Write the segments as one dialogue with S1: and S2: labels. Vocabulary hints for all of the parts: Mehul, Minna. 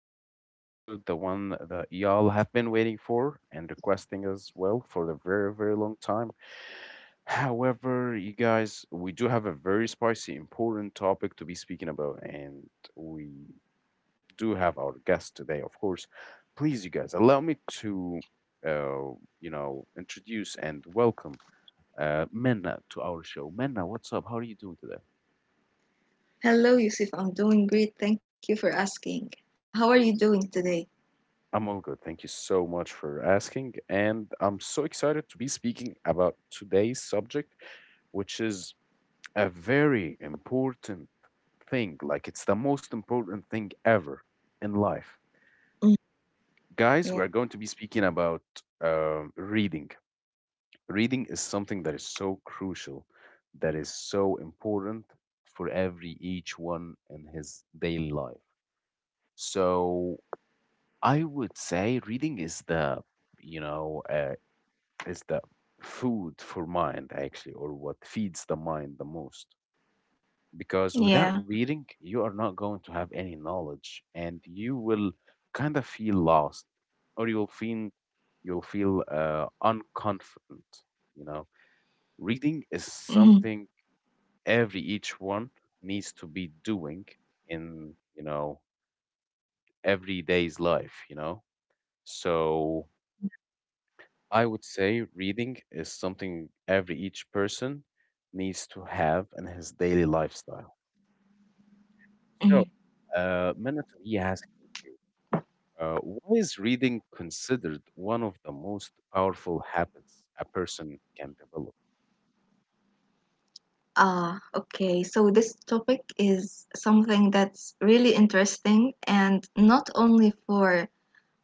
S1: today's new episode, the one that y'all have been waiting for and requesting as well for a very, very long time. However, you guys, we do have a very spicy, important topic to be speaking about, and we do have our guest today, of course. Please, you guys, allow me to, uh, you know, introduce and welcome Minna to our show. Minna, what's up? How are you doing today? I'm all good. Thank you so much for asking. And I'm so excited to be speaking about today's subject, which is a very important thing. Like, it's the most important thing ever in life. Guys, we are going to be speaking about reading. Reading is something that is so crucial, that is so important for every each one in his daily life. So, I would say reading is you know, uh, the food for mind actually, or what feeds the mind the most, because without reading you are not going to have any knowledge and you will kind of feel lost, or you'll feel unconfident, you know. Reading is something every each one needs to be doing in, you know, everyday's life, you know. So I would say reading is something every each person needs to have in his daily lifestyle. So, Minute, we asking you, why is reading considered one of the most powerful habits a person can develop?
S2: Okay. So this topic is something that's really interesting, and not only for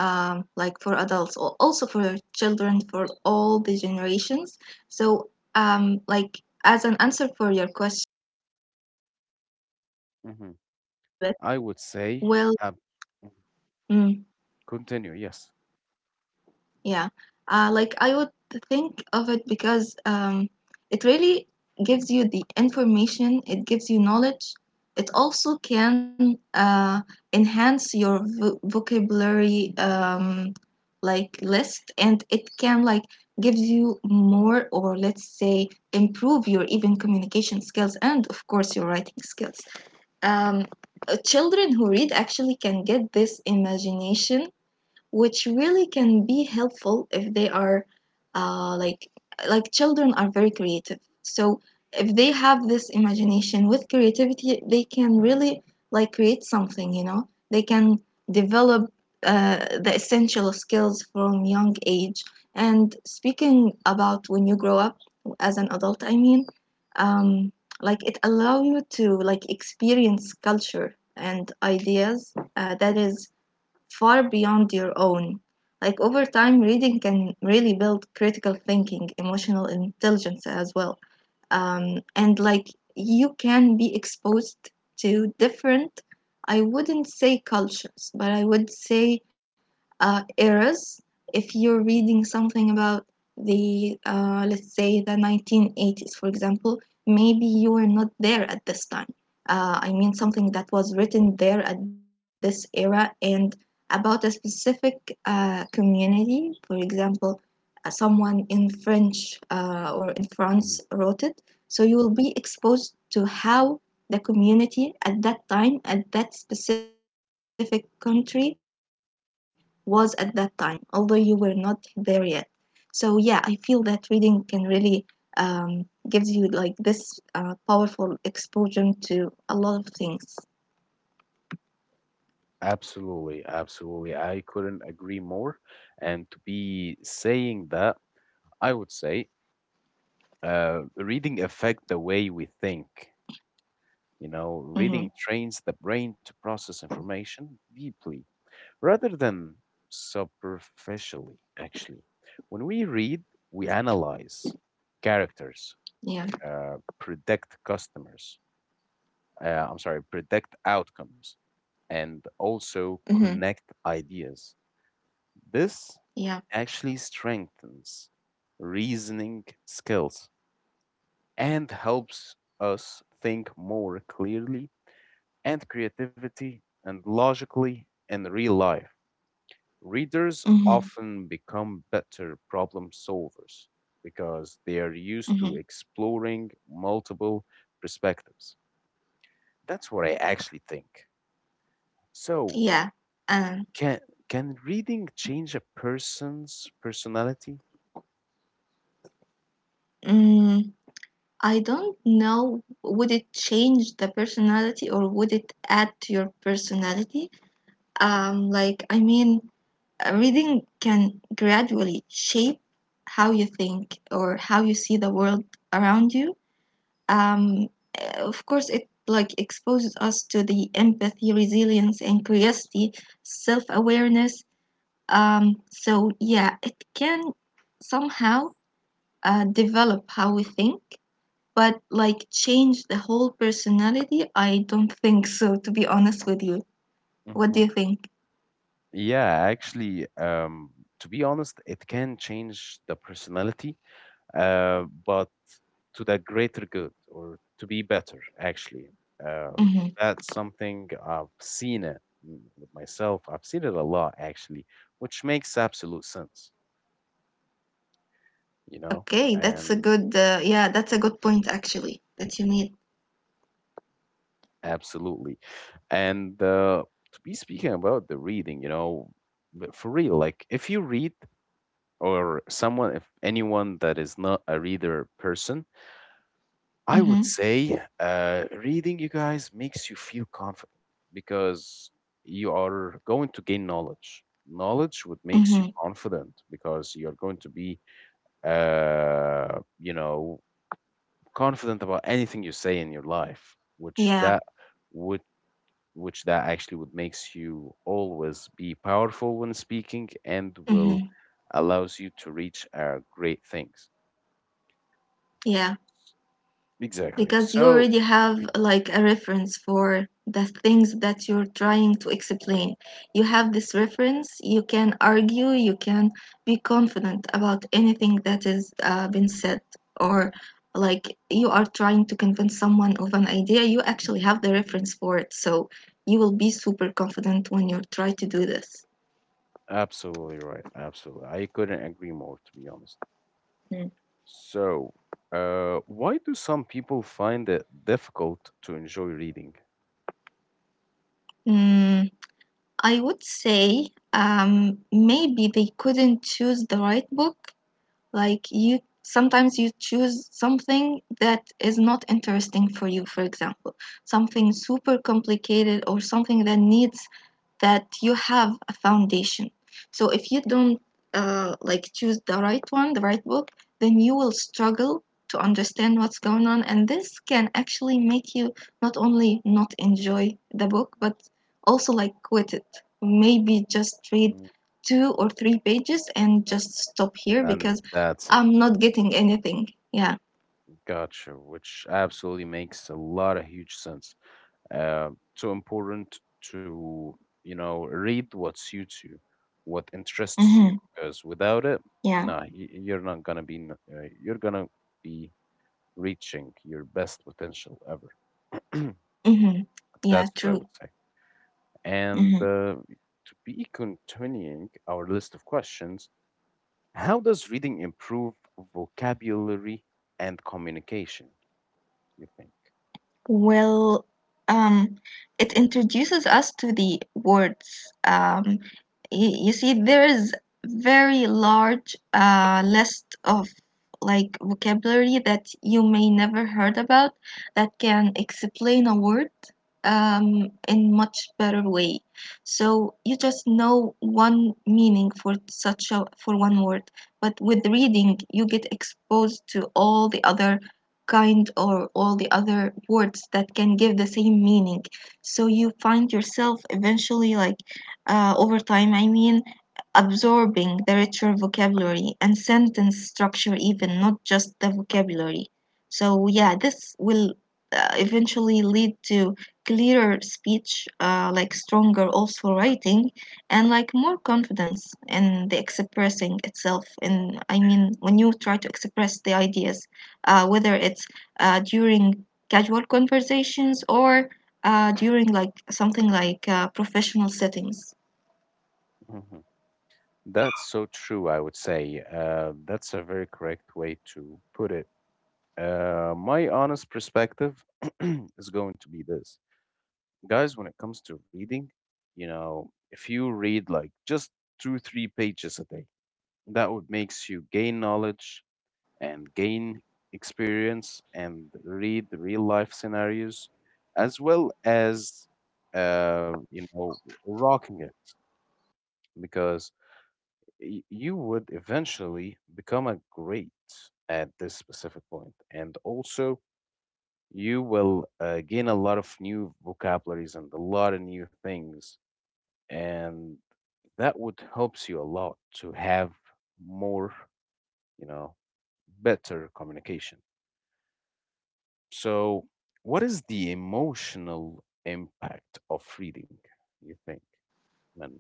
S2: like for adults, or also for children, for all the generations. So like, as an answer for your question,
S1: Hmm, I would say, uh, mhm. Continue, yes. Mhm. Absolutely, absolutely. I couldn't agree more. And to be saying that, I would say, reading affect the way we think. You know, reading trains the brain to process information deeply rather than superficially, actually. When we read, we analyze characters, predict customers, I'm sorry, predict outcomes, and also connect ideas. This actually strengthens reasoning skills and helps us think more clearly and creativity and logically in real life. Readers often become better problem solvers because they are used to exploring multiple perspectives. That's what I actually think. So, can can reading change a person's personality? Mm-hmm. Yeah, actually, to be honest, it can change the personality, but to the greater good or to be better, actually. Uh, that's something I've seen it with myself. I've seen it a lot, actually, which makes absolute sense, you know? And absolutely. And to be speaking about the reading, you know, but for real, like if you read, or someone, if anyone that is not a reader person, I would say reading, you guys, makes you feel confident because you are going to gain knowledge. Knowledge what makes you confident because you're going to be, uh, you know, confident about anything you say in your life, which that would actually would makes you always be powerful when speaking and will allows you to reach great things. Exactly. So absolutely right. Absolutely. I couldn't agree more, to be honest. So, why do some people find it difficult to enjoy reading? Mm, And that's it. Gotcha, which absolutely makes a lot of huge sense. uh, too important to, you know, read what suits you, what interests you, because without it, you're not gonna be you're gonna be reaching your best potential ever. That's what I would say. And to be continuing our list of questions, how does reading improve vocabulary and communication, you think? Mhm. That's so true, I would say. That's a very correct way to put it. My honest perspective is going to be this. Guys, when it comes to reading, you know, if you read like just two, three pages a day, that would makes you gain knowledge and gain experience and read real life scenarios as well as uh, you know rocking it, because you would eventually become a great at this specific point, and also you will gain a lot of new vocabularies and a lot of new things, and that would helps you a lot to have more, you know, better communication. So, what is the emotional impact of reading, you think, Minna?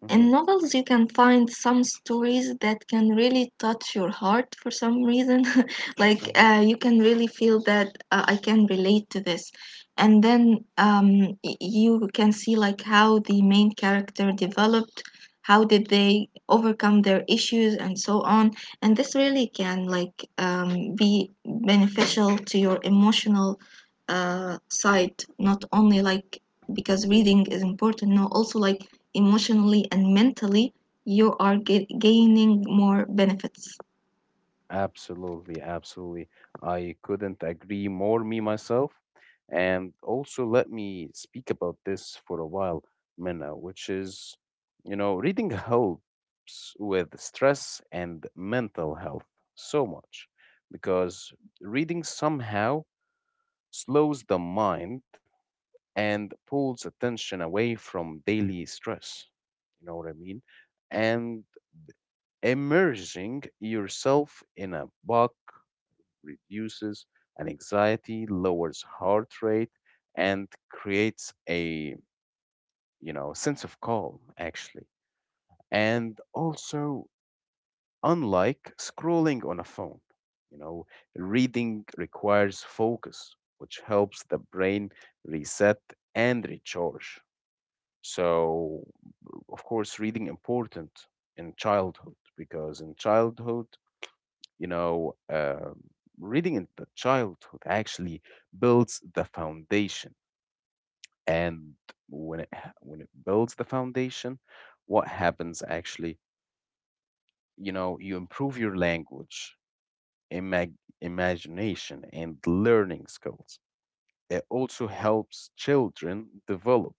S1: Hmm. Hmm. Absolutely, absolutely. I couldn't agree more, me myself. And also, let me speak about this for a while, Minna, which is, you know, reading helps with stress and mental health so much, because reading somehow slows the mind and pulls attention away from daily stress. You know what I mean? And immersing yourself in a book reduces an anxiety, lowers heart rate, and creates a, you know, sense of calm actually. And also, unlike scrolling on a phone, you know, reading requires focus, which helps the brain reset and recharge. So of course, reading important in childhood, because in childhood, you know, reading in the childhood actually builds the foundation. And when it builds the foundation, what happens actually? You know, you improve your language, imagination, and learning skills. It also helps children develop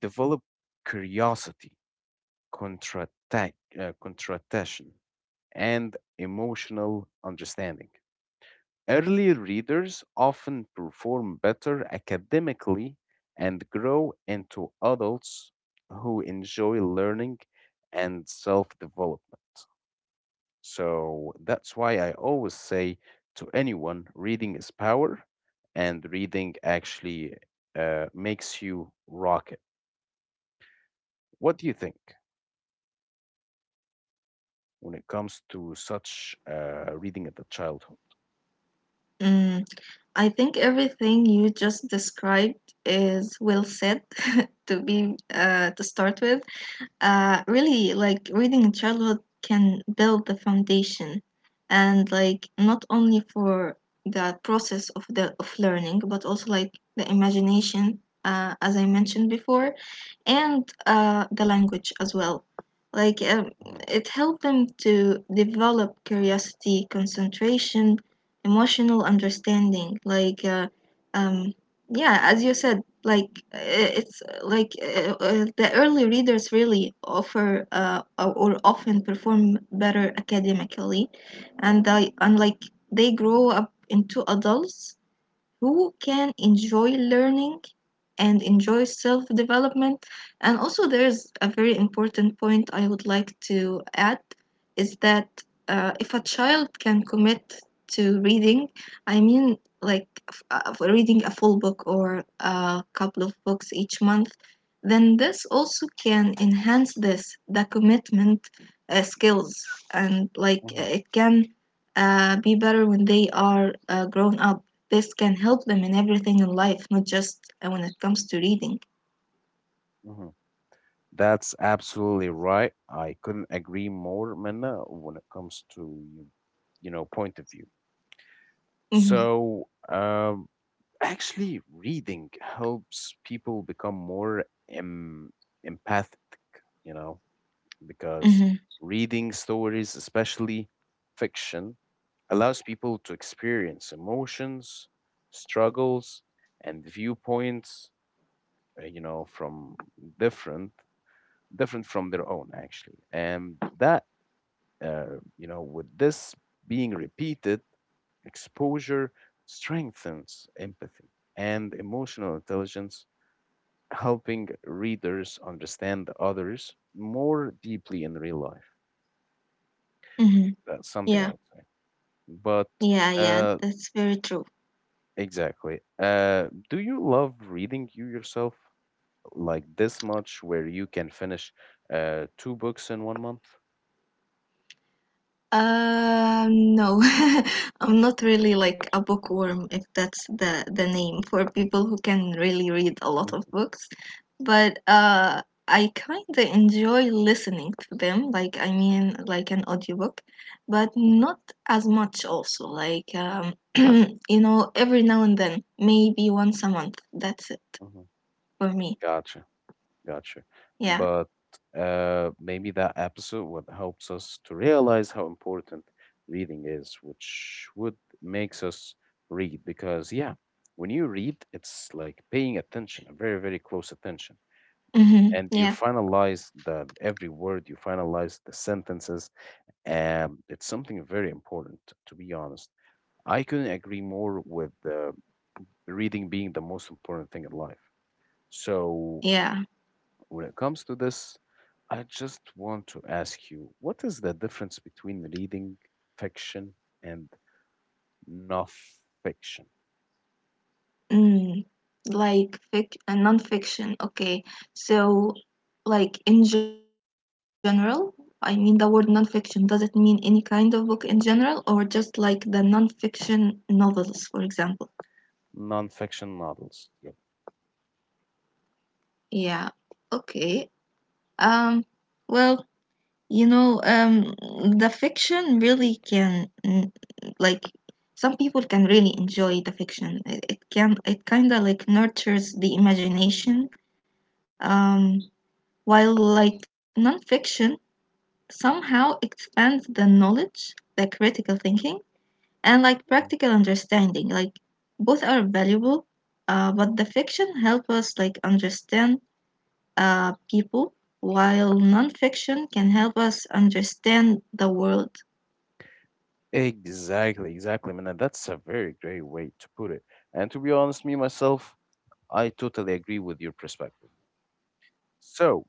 S1: develop curiosity, contradiction, and emotional understanding. Early readers often perform better academically and grow into adults who enjoy learning and self development. So that's why I always say to anyone, reading is power, and reading actually makes you rock it. What do you think when it comes to such reading at the childhood? Mhm, mhm. That's absolutely right. I couldn't agree more, Minna, when it comes to your, you know, point of view. So, actually, reading helps people become more em empathic, you know. Because reading stories, especially fiction, allows people to experience emotions, struggles, and viewpoints, you know, from different different from their own actually. And that, you know, with this being repeated, exposure strengthens empathy and emotional intelligence, helping readers understand others more deeply in real life. That's something I would say. But uh, exactly. Do you love reading you yourself like this much, where you can finish two books in 1 month? Mm. Mm-hmm. Hmm. Gotcha, gotcha. But maybe that episode what helps us to realize how important reading is, which would makes us read, because yeah, when you read, it's like paying attention, a very, very close attention, and you finalize the every word, you finalize the sentences. It's something very important, to be honest. I couldn't agree more with reading being the most important thing in life. So when it comes to this, I just want to ask you, what is the difference between reading fiction and non-fiction non-fiction novels? Yep. Mhm. Exactly, exactly, man. And that's a very great way to put it. And to be honest, me myself, I totally agree with your perspective. So,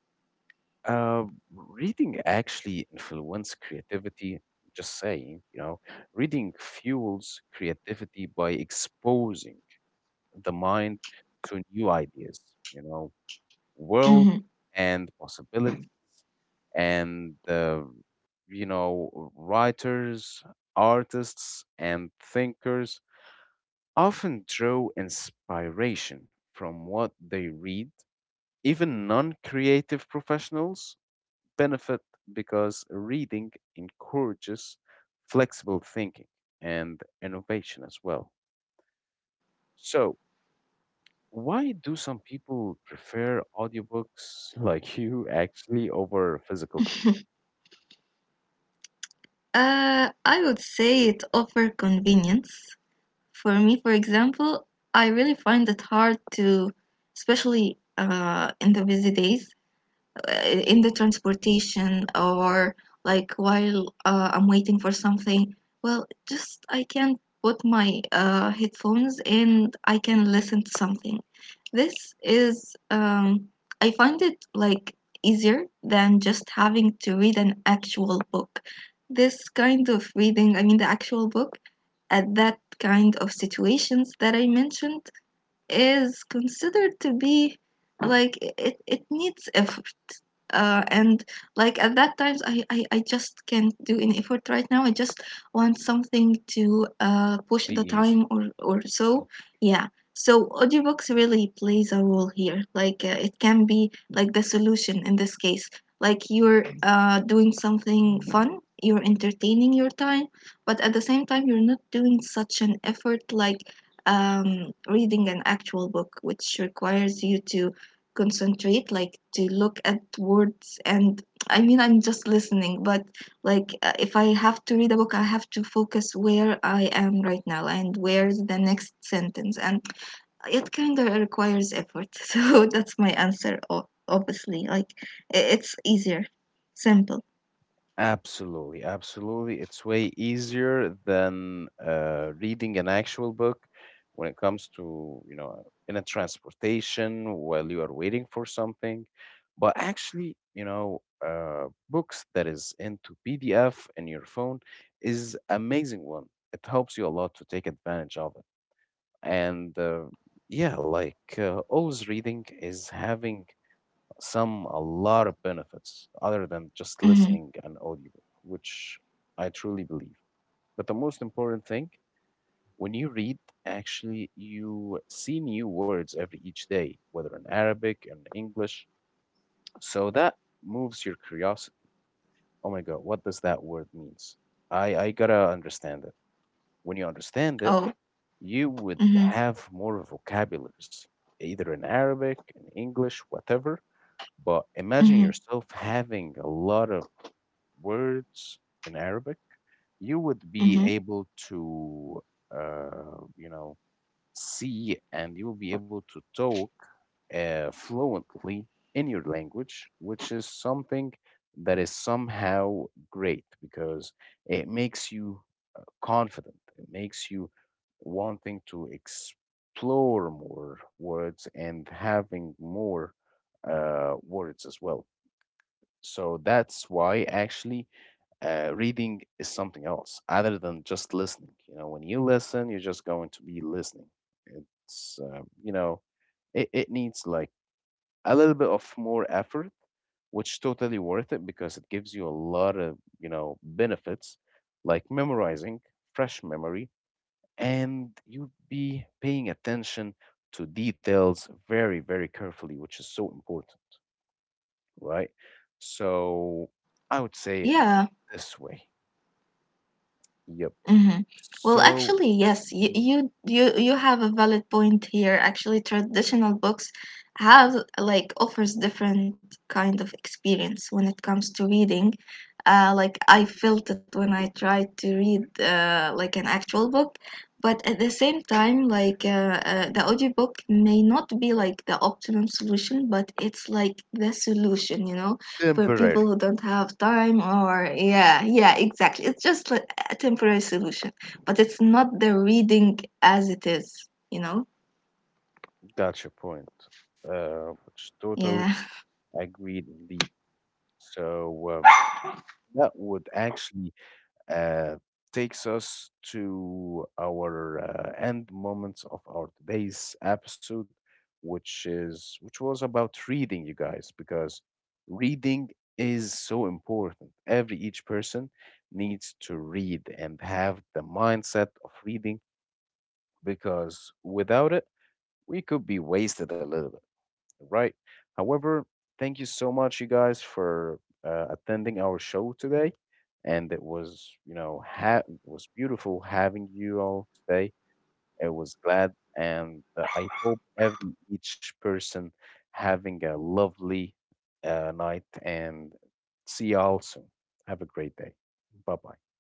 S1: uh, reading actually influence creativity. Just saying, you know, reading fuels creativity by exposing the mind to new ideas, you know, world and possibilities. And, you know, writers, artists, and thinkers often draw inspiration from what they read. Even non creative professionals benefit because reading encourages flexible thinking and innovation as well. So, why do some people prefer audiobooks like you actually over physical books? Be easy. Absolutely, absolutely. It's way easier than reading an actual book when it comes to, you know, in a transportation while you are waiting for something. But actually, you know, books that is into PDF in your phone is amazing one. It helps you a lot to take advantage of it. And yeah, like always reading is having some a lot of benefits other than just listening an audiobook, which I truly believe. But the most important thing, when you read, actually you see new words every each day, whether in Arabic and English. So that moves your curiosity. Oh my God, what does that word means? I gotta understand it. When you understand it, you would have more vocabularies, either in Arabic, in English, whatever. But imagine yourself having a lot of words in Arabic, you would be able to, uh, you know, see, and you will be able to talk fluently in your language, which is something that is somehow great because it makes you confident. It makes you wanting to explore more words and having more words as well. So that's why actually reading is something else other than just listening. You know, when you listen, you're just going to be listening. It's, it needs like a little bit of more effort, which totally worth it because it gives you a lot of, you know, benefits like memorizing, fresh memory, and you'd be paying attention to details very, very carefully, which is so important, right? So I would say it this way. Yep. So mhm. Temporary. Gotcha point. Which totally agreed indeed. So that would actually uh, takes us to our end moments of our today's episode, which was about reading, you guys, because reading is so important. Every each person needs to read and have the mindset of reading, because without it, we could be wasted a little bit. Right. However, thank you so much, you guys, for attending our show today. And it was, you know, it was beautiful having you all today. I was glad, and I hope every each person having a lovely night. And see y'all soon. Have a great day. Bye bye.